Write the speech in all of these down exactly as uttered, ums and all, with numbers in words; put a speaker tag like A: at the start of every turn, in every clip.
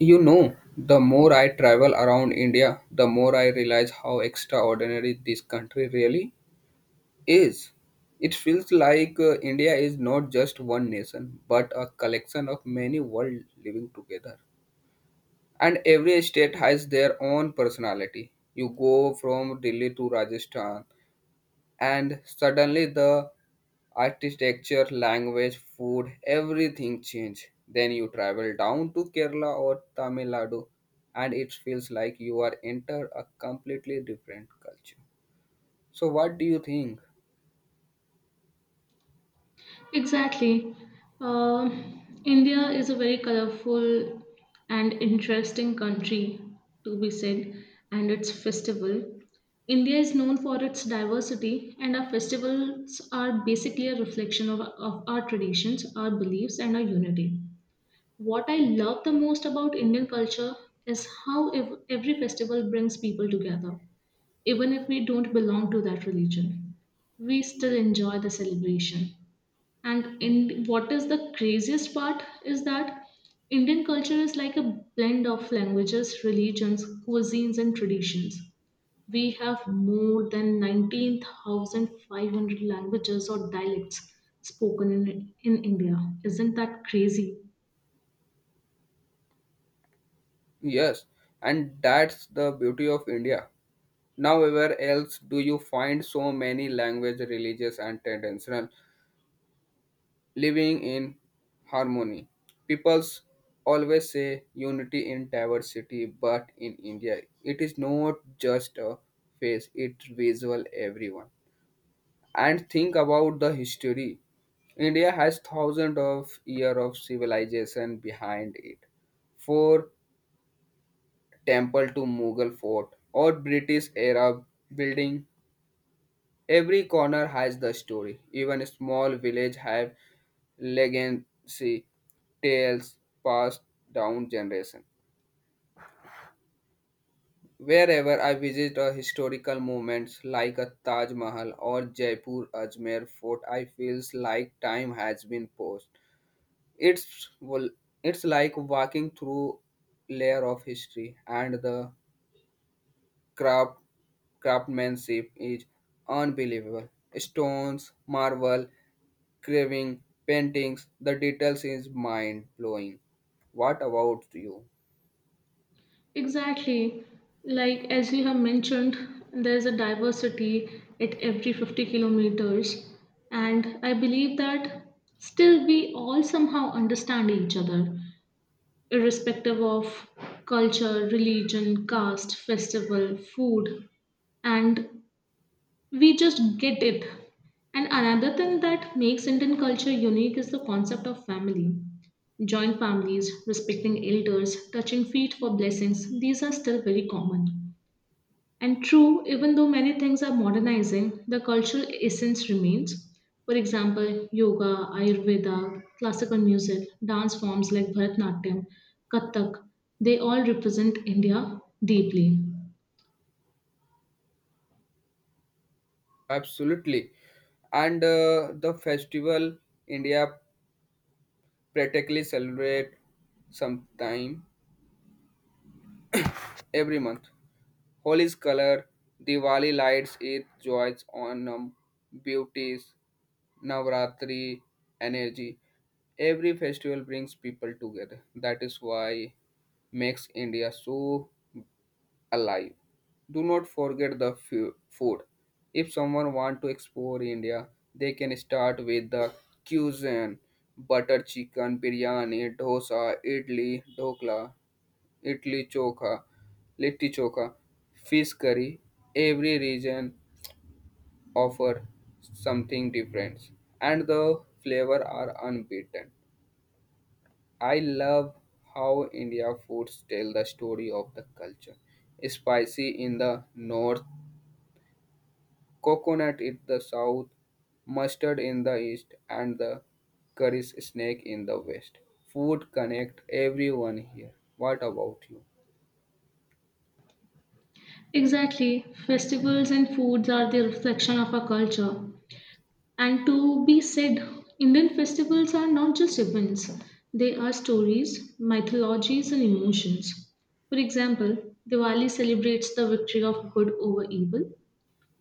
A: You know, the more I travel around India, the more I realize how extraordinary this country really is. It feels like uh, India is not just one nation, but a collection of many worlds living together. And every state has their own personality. You go from Delhi to Rajasthan, and suddenly the architecture, language, food, everything change. Then you travel down to Kerala or Tamil Nadu, and it feels like you are enter a completely different culture. So what do you think?
B: Exactly. Um India is a very colorful and interesting country, to be said, and its festival. India is known for its diversity, and our festivals are basically a reflection of, of our traditions, our beliefs, and our unity. What I love the most about Indian culture is how ev- every festival brings people together, even if we don't belong to that religion. We still enjoy the celebration. And in what is the craziest part is that Indian culture is like a blend of languages, religions, cuisines, and traditions. We have more than nineteen thousand five hundred languages or dialects spoken in, in India. Isn't that crazy?
A: Yes, and that's the beauty of India. Nowhere else do you find so many language, religious, and traditional living in harmony. Peoples always say unity in diversity, but in India, it is not just a face, it's visual everyone. And think about the history. India has thousands of years of civilization behind it. For temple to Mughal fort or British era building, every corner has the story. Even a small village have legacy tales passed down generation. Wherever I visit a historical moments like a Taj Mahal or Jaipur Ajmer fort, I feels like time has been paused. It's well, it's like walking through layer of history and the craft craftsmanship is unbelievable. Stones, marble, carving, paintings, the details is mind blowing. What about you?
B: Exactly. Like as you have mentioned, there's a diversity at every fifty kilometers, and I believe that still we all somehow understand each other, irrespective of culture, religion, caste, festival, food, and we just get it. And another thing that makes Indian culture unique is the concept of family. Joint families, respecting elders, touching feet for blessings, these are still very common. And true, even though many things are modernizing, the cultural essence remains. For example, yoga, Ayurveda, classical music, dance forms like Bharatanatyam, Kathak, they all represent India deeply.
A: Absolutely. And uh, the festival India practically celebrate sometime every month. Holi's color, Diwali lights, Eid joys, Onam, beauties, Navratri, energy. Every festival brings people together. That is why makes India so alive. Do not forget the fu- food. If someone want to explore India, they can start with the cuisine, butter chicken, biryani, dosa, idli, dokla, idli chokha, litti chokha, fish curry. Every region offer something different, and the flavor are unbeaten. I love how India foods tell the story of the culture spicy in the north Coconut in the south, mustard in the east, and the curry snake in the west. Food connect everyone here. What about you?
B: Exactly, festivals and foods are the reflection of our culture. And to be said, Indian festivals are not just events, they are stories, mythologies, and emotions. For example, Diwali celebrates the victory of good over evil,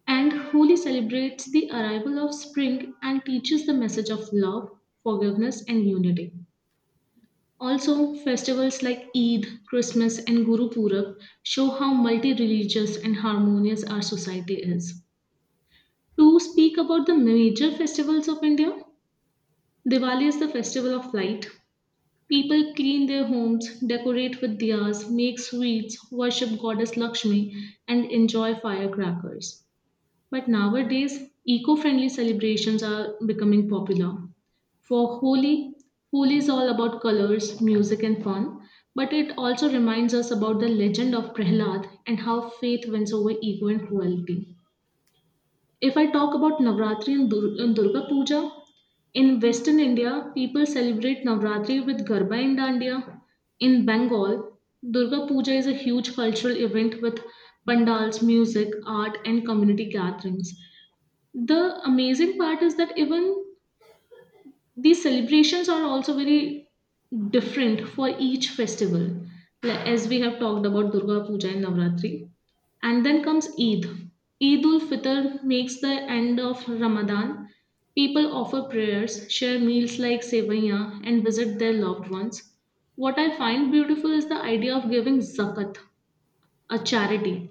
B: and Holi celebrates the arrival of spring and teaches the message of love, forgiveness, and unity. Also, festivals like Eid, Christmas, and Guru Purab show how multi religious and harmonious our society is. To speak about the major festivals of India, Diwali is the festival of light. People clean their homes, decorate with diyas, make sweets, worship goddess Lakshmi, and enjoy firecrackers. But nowadays, eco friendly celebrations are becoming popular. For Holi, Holi is all about colors, music, and fun, but it also reminds us about the legend of Prahlad and how faith wins over ego and cruelty. If I talk about Navratri and, Dur- and Durga Puja, in Western India, people celebrate Navratri with Garba and Dandiya. In Bengal, Durga Puja is a huge cultural event with pandals, music, art, and community gatherings. The amazing part is that even these celebrations are also very different for each festival, like as we have talked about Durga Puja and Navratri. And then comes Eid. Eid ul Fitr makes the end of Ramadan. People offer prayers, share meals like sevaya, and visit their loved ones. What I find beautiful is the idea of giving zakat, a charity.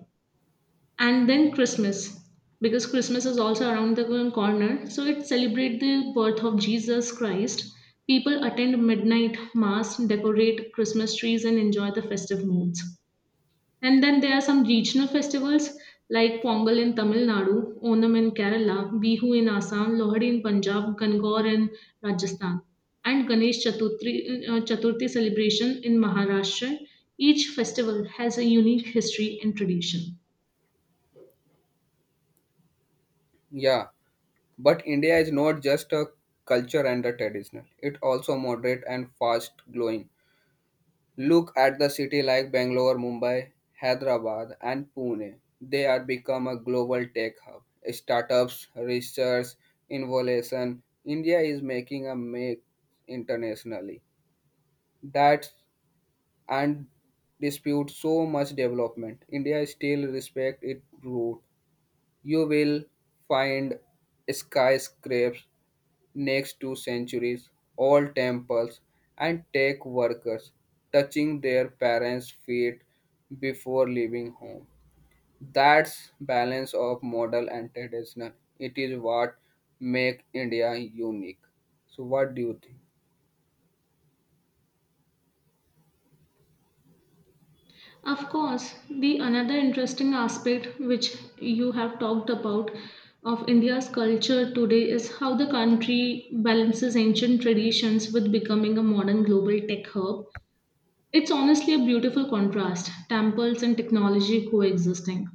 B: And then Christmas, because Christmas is also around the corner, so it celebrates the birth of Jesus Christ. People attend midnight mass, decorate Christmas trees, and enjoy the festive moods. And then there are some regional festivals like Pongal in Tamil Nadu, Onam in Kerala, Bihu in Assam, Lohri in Punjab, Gangor in Rajasthan, and Ganesh Chaturthi, uh, Chaturthi celebration in Maharashtra. Each festival has a unique history and tradition.
A: Yeah, but India is not just a culture and a traditional. It also moderate and fast growing. Look at the city like Bangalore, Mumbai, Hyderabad, and Pune. They are become a global tech hub. Startups, research, innovation. India is making a make internationally. That and dispute so much development. India still respect its root. You will find skyscrapers next to centuries, old temples, and tech workers touching their parents' feet before leaving home. That's balance of model and traditional. It is what make India unique. So what do you think?
B: Of course, the another interesting aspect which you have talked about of India's culture today is how the country balances ancient traditions with becoming a modern global tech hub. It's honestly a beautiful contrast, temples and technology coexisting.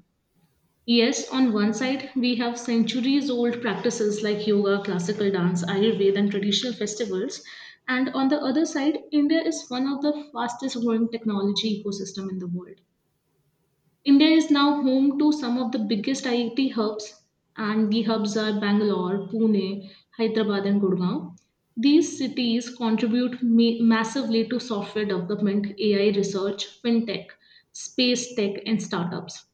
B: Yes, on one side, we have centuries old practices like yoga, classical dance, Ayurveda, and traditional festivals. And on the other side, India is one of the fastest growing technology ecosystem in the world. India is now home to some of the biggest I I T hubs, and the hubs are Bangalore, Pune, Hyderabad, and Gurgaon. These cities contribute ma- massively to software development, A I research, fintech, space tech, and startups.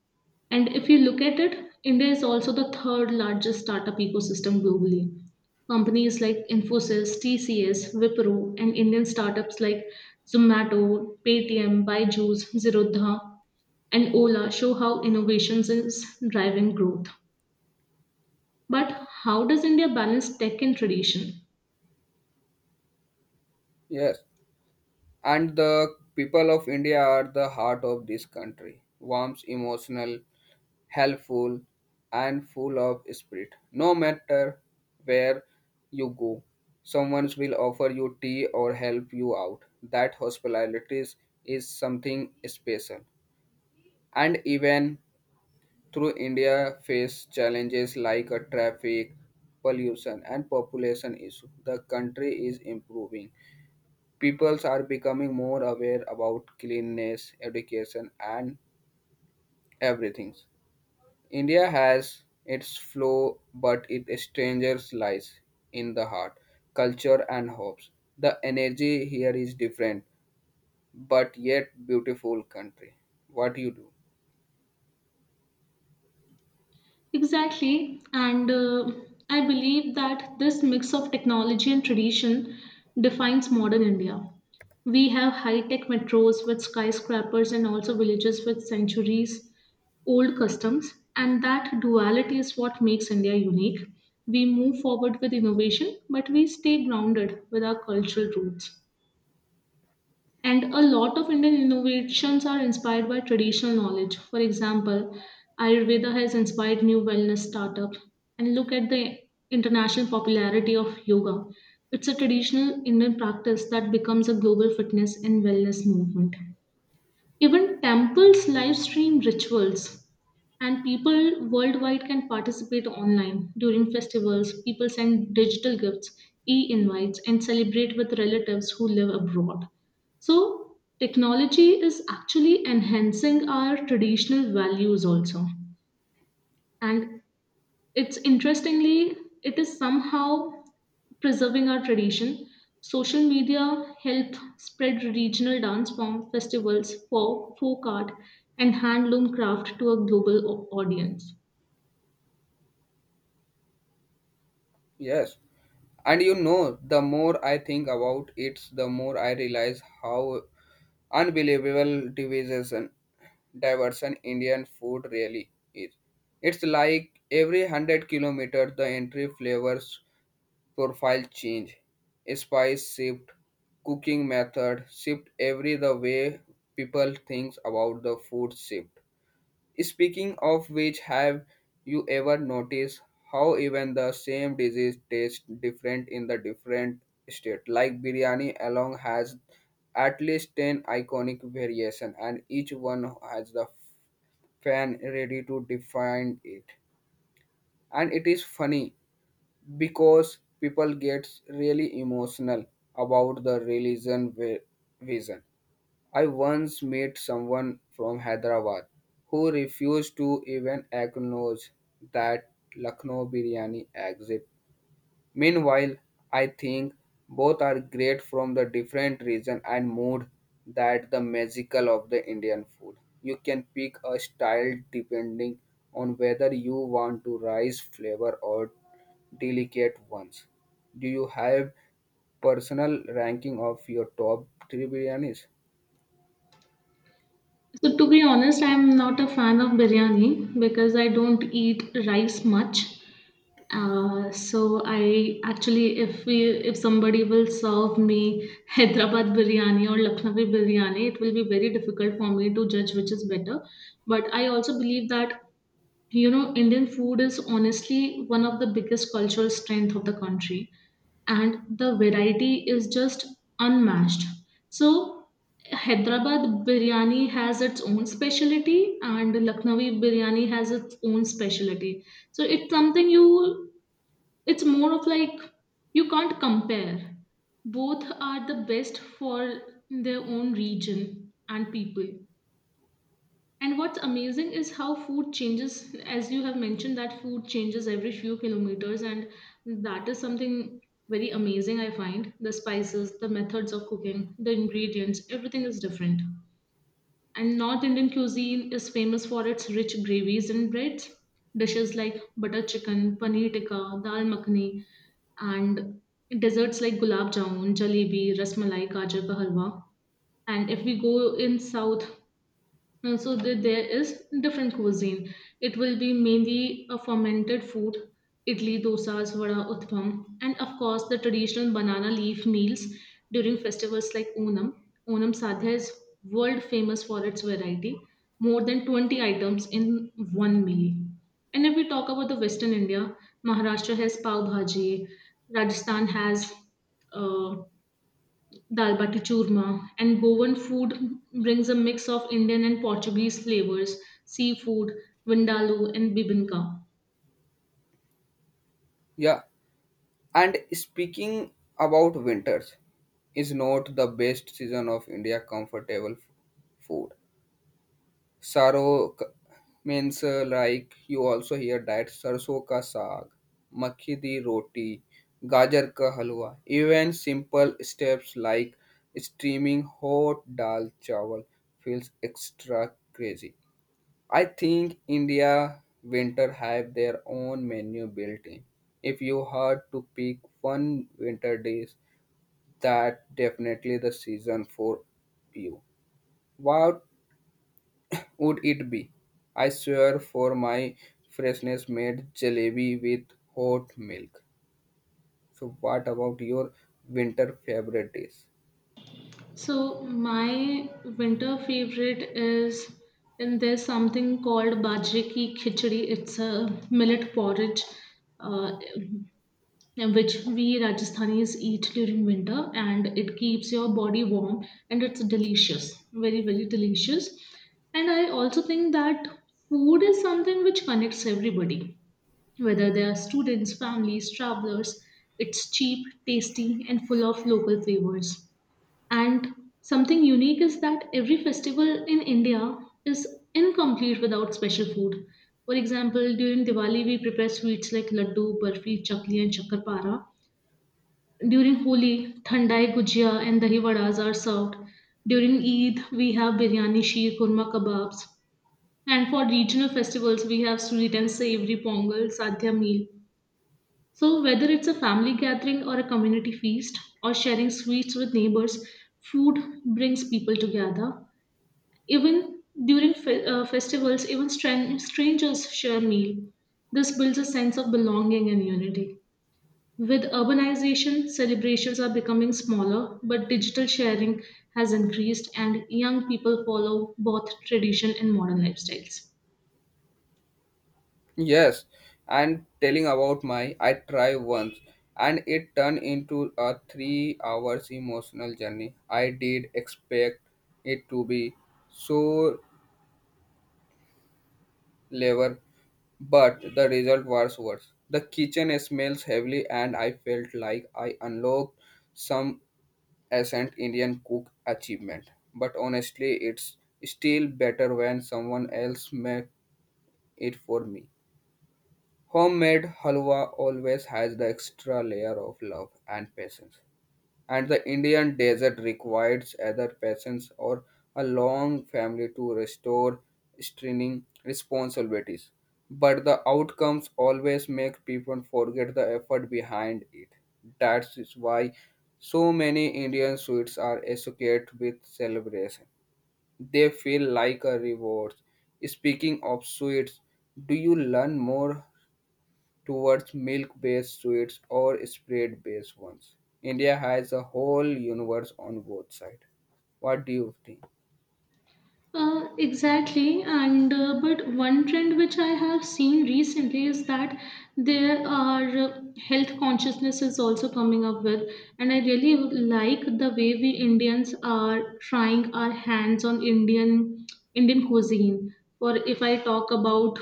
B: And if you look at it, India is also the third largest startup ecosystem globally. Companies like Infosys, T C S, Wipro, and Indian startups like Zomato, Paytm, Byju's, Zerodha, and Ola show how innovations is driving growth. But how does India balance tech and tradition?
A: Yes. And the people of India are the heart of this country, warm, emotional, helpful, and full of spirit. No matter where you go, someone will offer you tea or help you out. That hospitality is something special. And even through India face challenges like a traffic, pollution, and population issue, the country is improving Peoples are becoming more aware about cleanliness, education, and everything. India has its flaw, but its strangers lies in the heart, culture, and hopes. The energy here is different, but yet beautiful country. What you do?
B: Exactly, and uh, I believe that this mix of technology and tradition defines modern India. We have high tech metros with skyscrapers and also villages with centuries old customs, and that duality is what makes India unique. We move forward with innovation, but we stay grounded with our cultural roots. And a lot of Indian innovations are inspired by traditional knowledge. For example, Ayurveda has inspired new wellness startups. And look at the international popularity of yoga. It's a traditional Indian practice that becomes a global fitness and wellness movement. Even temples live stream rituals, and people worldwide can participate online during festivals. People send digital gifts, e invites, and celebrate with relatives who live abroad. So, technology is actually enhancing our traditional values also. And it's interestingly, it is somehow preserving our tradition. Social media helped spread regional dance form festivals for folk art and handloom craft to a global au- audience.
A: Yes. And you know, the more I think about it, the more I realize how unbelievable division diversion Indian food really is. It's like every one hundred kilometers the entry flavors profile change, spice shift, cooking method shift every the way people think about the food shift. Speaking of which, have you ever noticed how even the same disease tastes different in the different state? Like biryani alone has at least ten iconic variation and each one has the fan ready to define it. And it is funny because people get really emotional about the religion vi- vision. I once met someone from Hyderabad who refused to even acknowledge that Lucknow biryani exists Meanwhile, I think both are great from the different region and mood that the magical of the Indian food. You can pick a style depending on whether you want to rice flavor or delicate ones. Do you have personal ranking of your top three biryanis?
B: So to be honest, I'm not a fan of biryani because I don't eat rice much. Uh, so I actually, if we, if somebody will serve me Hyderabad biryani or Lucknowi biryani, it will be very difficult for me to judge which is better. But I also believe that you know Indian food is honestly one of the biggest cultural strength of the country, and the variety is just unmatched. So Hyderabad biryani has its own specialty, and Lucknowi biryani has its own specialty. So it's something you it's more of like you can't compare. Both are the best for their own region and people. And what's amazing is how food changes, as you have mentioned, that food changes every few kilometers, and that is something very amazing, I find. The spices, the methods of cooking, the ingredients, everything is different. And North Indian cuisine is famous for its rich gravies and breads. Dishes like butter chicken, paneer tikka, dal makhani, and desserts like gulab jamun, jalebi, rasmalai, gajar ka halwa. And if we go in south, and so that there is different cuisine. It will be mainly a fermented food, idli, dosas, vada, uthapam, and of course the traditional banana leaf meals during festivals like Onam. Onam Sadhya is world famous for its variety, more than twenty items in one meal. And if we talk about the Western India, Maharashtra has pav bhaji, Rajasthan has uh, dal bati churma, and Goan food brings a mix of Indian and Portuguese flavors, seafood, vindaloo, and bibinka.
A: Yeah. And speaking about winters, is not the best season of India comfortable f- food. Saro k- means uh, like you also hear that sarso ka saag, makhi di roti, gajar ka halwa. Even simple steps like steaming hot dal chawal feels extra crazy. I think India winter have their own menu built in. If you had to pick one winter dish, that definitely the season for you. What would it be? I swear for my freshness made jalebi with hot milk. So what about your winter favorite dish?
B: So my winter favorite is, and there's something called bajre ki khichdi. It's a millet porridge. Uh, and which we Rajasthanis eat during winter, and it keeps your body warm and it's delicious, very, very delicious. And I also think that food is something which connects everybody, whether they are students, families, travelers. It's cheap, tasty, and full of local flavors. And something unique is that every festival in India is incomplete without special food. For example, during Diwali, we prepare sweets like laddu, barfi, chakli, and chakarpara. During Holi, thandai gujia and dahi vadas are served. During Eid, we have biryani, sheer, kurma kebabs. And for regional festivals, we have sweet and savory pongal, sadhya meal. So whether it's a family gathering or a community feast or sharing sweets with neighbors, food brings people together. Even during fe- uh, festivals, even stran- strangers share meal. This builds a sense of belonging and unity. With urbanization, celebrations are becoming smaller, but digital sharing has increased, and young people follow both tradition and modern lifestyles.
A: Yes, and telling about my I try once and it turned into a three hours emotional journey. I did expect it to be so level, but the result was worse. The kitchen smells heavily and I felt like I unlocked some ancient Indian cook achievement. But honestly, it's still better when someone else makes it for me. Homemade halwa always has the extra layer of love and patience and the Indian desert requires either patience or a long family to restore strenuous responsibilities. But the outcomes always make people forget the effort behind it. That is why so many Indian sweets are associated with celebration. They feel like a reward. Speaking of sweets, do you learn more towards milk-based sweets or spread-based ones. India has a whole universe on both sides. What do you think?
B: Uh, exactly, and uh, but one trend which I have seen recently is that there are uh, health consciousness is also coming up with, and I really like the way we Indians are trying our hands on Indian Indian cuisine. Or if I talk about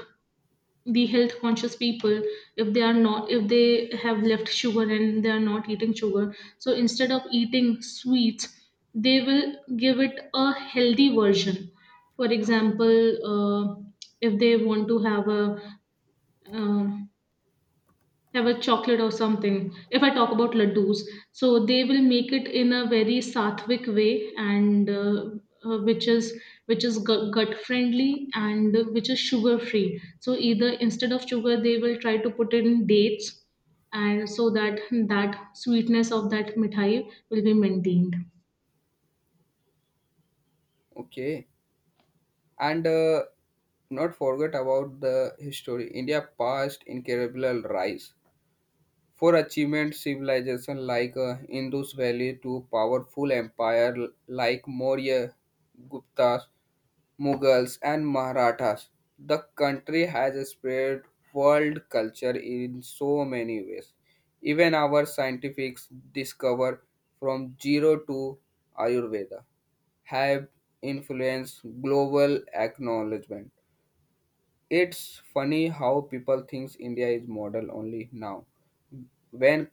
B: the health conscious people, if they are not if they have left sugar and they are not eating sugar, so instead of eating sweets they will give it a healthy version. For example, uh, if they want to have a uh, have a chocolate or something. If I talk about laddus, so they will make it in a very sattvic way, and uh, uh, which is which is gut, gut friendly and which is sugar free. So either instead of sugar, they will try to put in dates, and so that that sweetness of that mithai will be maintained.
A: Okay, and uh, not forget about the history. India passed incredible rise for achievement civilization like uh, Indus Valley to powerful empire like Maurya Guptas Mughals and Marathas. The country has spread world culture in so many ways. Even our scientific discover from zero to Ayurveda have influenced global acknowledgement. It's funny how people think India is model only now, when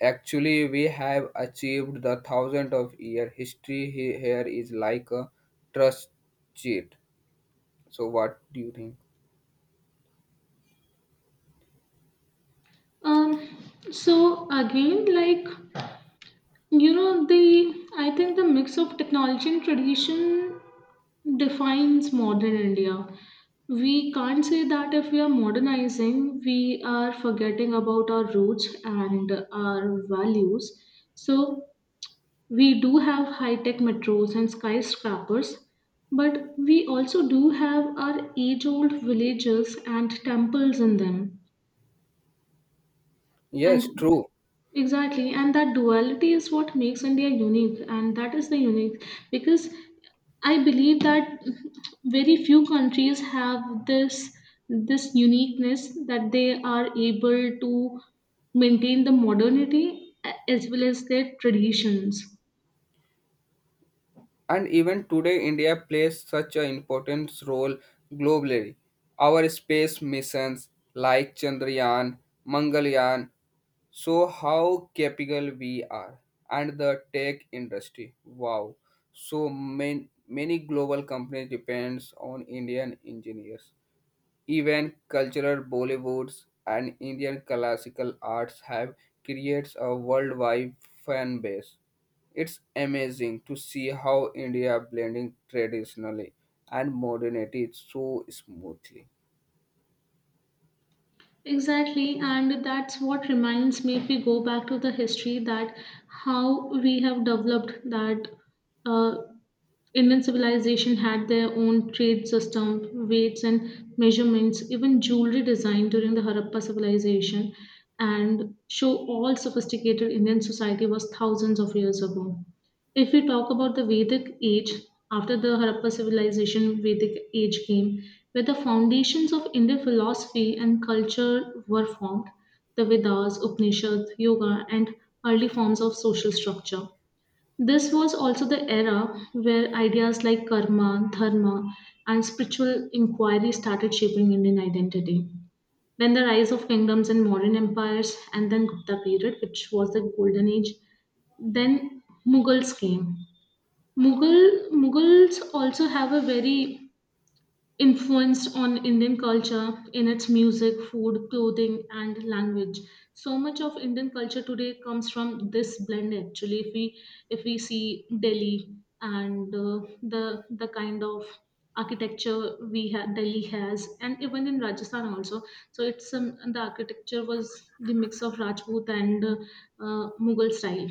A: actually we have achieved the thousand of year history he- here is like a trust cheat. So what do you think?
B: Um, so again, like you know, the I think the mix of technology and tradition defines modern India. We can't say that if we are modernizing, we are forgetting about our roots and our values. So, we do have high tech metros and skyscrapers, but we also do have our age old villages and temples in them.
A: Yes,
B: And
A: true.
B: Exactly, and that duality is what makes India unique, and that is the unique because I believe that very few countries have this this uniqueness that they are able to maintain the modernity a- as well as their traditions.
A: And even today, India plays such an important role globally. Our space missions like Chandrayaan, Mangalyaan show how capable we are. And the tech industry, wow. So many, many global companies depends on Indian engineers. Even cultural Bollywoods and Indian classical arts have creates a worldwide fan base. It's amazing to see how India blending traditionally and modernity so smoothly.
B: Exactly, and that's what reminds me, if we go back to the history, that how we have developed that uh, Indian civilization had their own trade system, weights and measurements, even jewelry design during the Harappa civilization, and show all sophisticated Indian society was thousands of years ago. If we talk about the Vedic age, after the Harappa civilization, Vedic age came, where the foundations of Indian philosophy and culture were formed, the Vedas, Upanishads, yoga, and early forms of social structure. This was also the era where ideas like karma, dharma, and spiritual inquiry started shaping Indian identity. Then the rise of kingdoms and modern empires, and then Gupta period, which was the golden age. Then Mughals came. Mughal Mughals also have a very influenced on Indian culture in its music, food, clothing, and language. So much of Indian culture today comes from this blend. Actually, if we if we see Delhi and uh, the the kind of architecture we have Delhi has, and even in Rajasthan also. So it's um, the architecture was the mix of Rajput and uh, uh, Mughal style.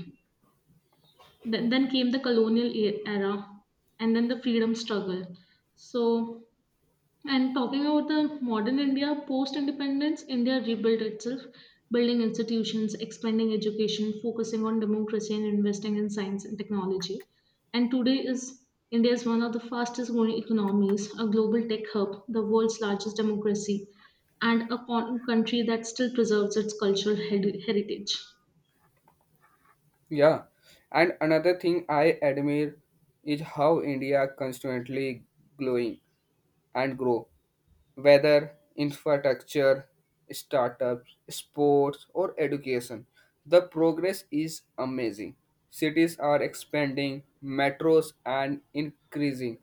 B: Then, then came the colonial e- era, and then the freedom struggle. So and talking about the modern India, post independence, India rebuilt itself, building institutions, expanding education, focusing on democracy, and investing in science and technology. And today is India is one of the fastest growing economies, a global tech hub, the world's largest democracy, and a con- country that still preserves its cultural heri- heritage.
A: Yeah, and another thing I admire is how India constantly growing and grow. Whether infrastructure, startups, sports, or education. The progress is amazing. Cities are expanding, metros are increasing,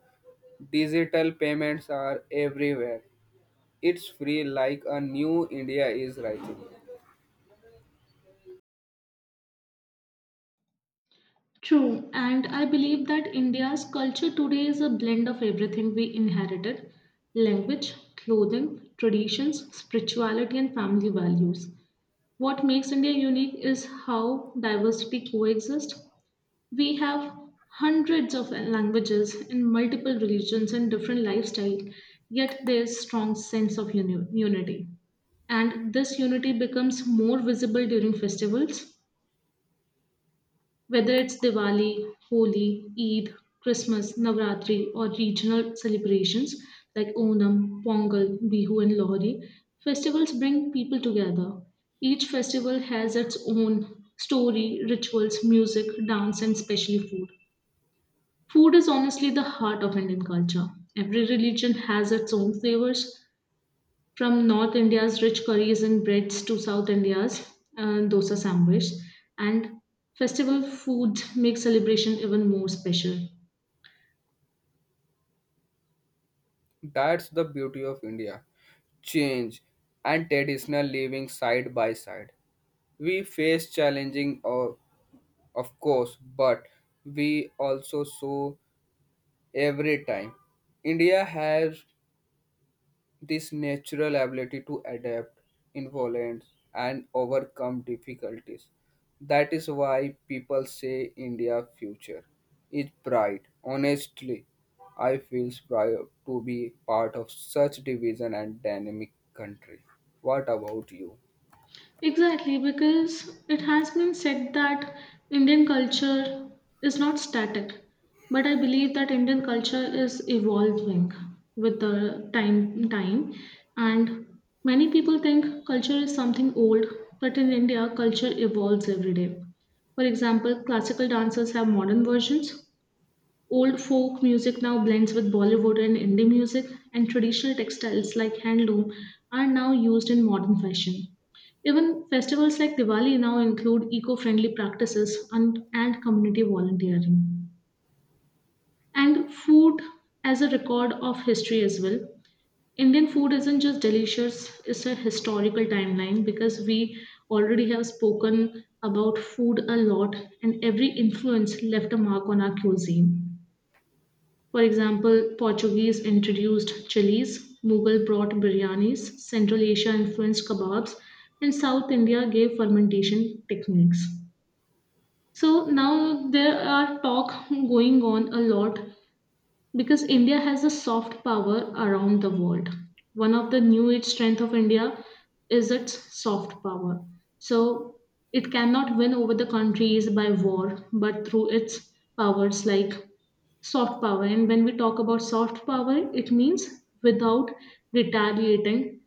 A: digital payments are everywhere. It's free like a new India is rising.
B: True, and I believe that India's culture today is a blend of everything we inherited: language, clothing, traditions, spirituality, and family values. What makes India unique is how diversity coexists. We have hundreds of languages in multiple religions and different lifestyles, yet there's strong sense of uni- unity, and this unity becomes more visible during festivals, whether it's Diwali, Holi, Eid, Christmas, Navratri, or regional celebrations like Onam, Pongal, Bihu, and Lohri. Festivals bring people together. Each festival has its own story, rituals, music, dance, and especially food. Food is honestly the heart of Indian culture. Every religion has its own flavors, from North India's rich curries and breads to South India's uh, dosa sandwich. And festival foods make celebration even more special.
A: That's the beauty of India. Change and traditional living side by side we face challenging of, of course but we also saw Every time. India has this natural ability to adapt, influence, and overcome difficulties. That is why people say India future is bright. Honestly, I feel proud to be part of such division and dynamic country. What about you?
B: Exactly, because it has been said that Indian culture is not static, but I believe that Indian culture is evolving with the time time, and many people think culture is something old, but in India culture evolves every day. For example, classical dances have modern versions, old folk music now blends with Bollywood and Indie music, and traditional textiles like handloom are now used in modern fashion. Even festivals like Diwali now include eco friendly practices and, and community volunteering. And food as a record of history as well. Indian food isn't just delicious, it's a historical timeline because we already have spoken about food a lot, and every influence left a mark on our cuisine. For example, Portuguese introduced chilies, Mughal brought biryanis, Central Asia influenced kebabs, and South India gave fermentation techniques. So now there are talk going on a lot because India has a soft power around the world. One of the new age strength of India is its soft power. So it cannot win over the countries by war, but through its powers like soft power. And when we talk about soft power, it means without retaliating.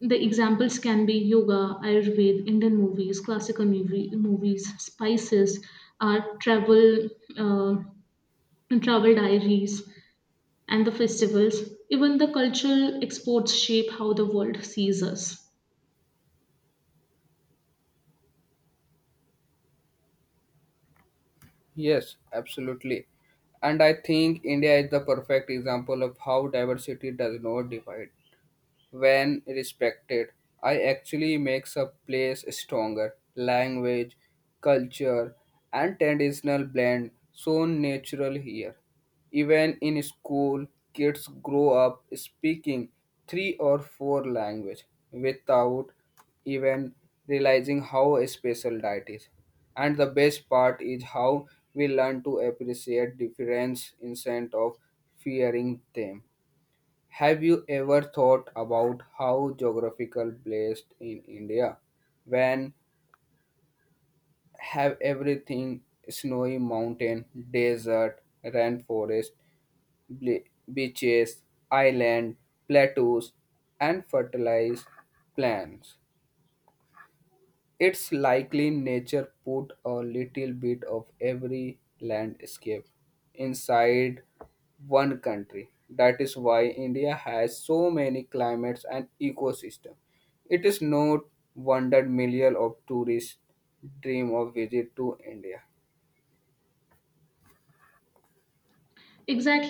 B: The examples can be yoga, Ayurveda, Indian movies, classical movie, movies, spices, art, travel, uh, travel diaries and the festivals, even the cultural exports shape how the world sees us.
A: Yes, absolutely. And I think India is the perfect example of how diversity does not divide. When respected, I actually makes a place stronger. Language, culture, and traditional blend so natural here. Even in school, kids grow up speaking three or four language without even realizing how special that is. And the best part is how we learn to appreciate difference instead of fearing them. Have you ever thought about how geographical placed in India, when have everything snowy mountain, desert, rainforest, ble- beaches, island, plateaus, and fertilized plains? It's likely nature put a little bit of every landscape inside one country. That is why India has so many climates and ecosystems. It is no wonder millions of tourists dream of visit to India.
B: Exactly.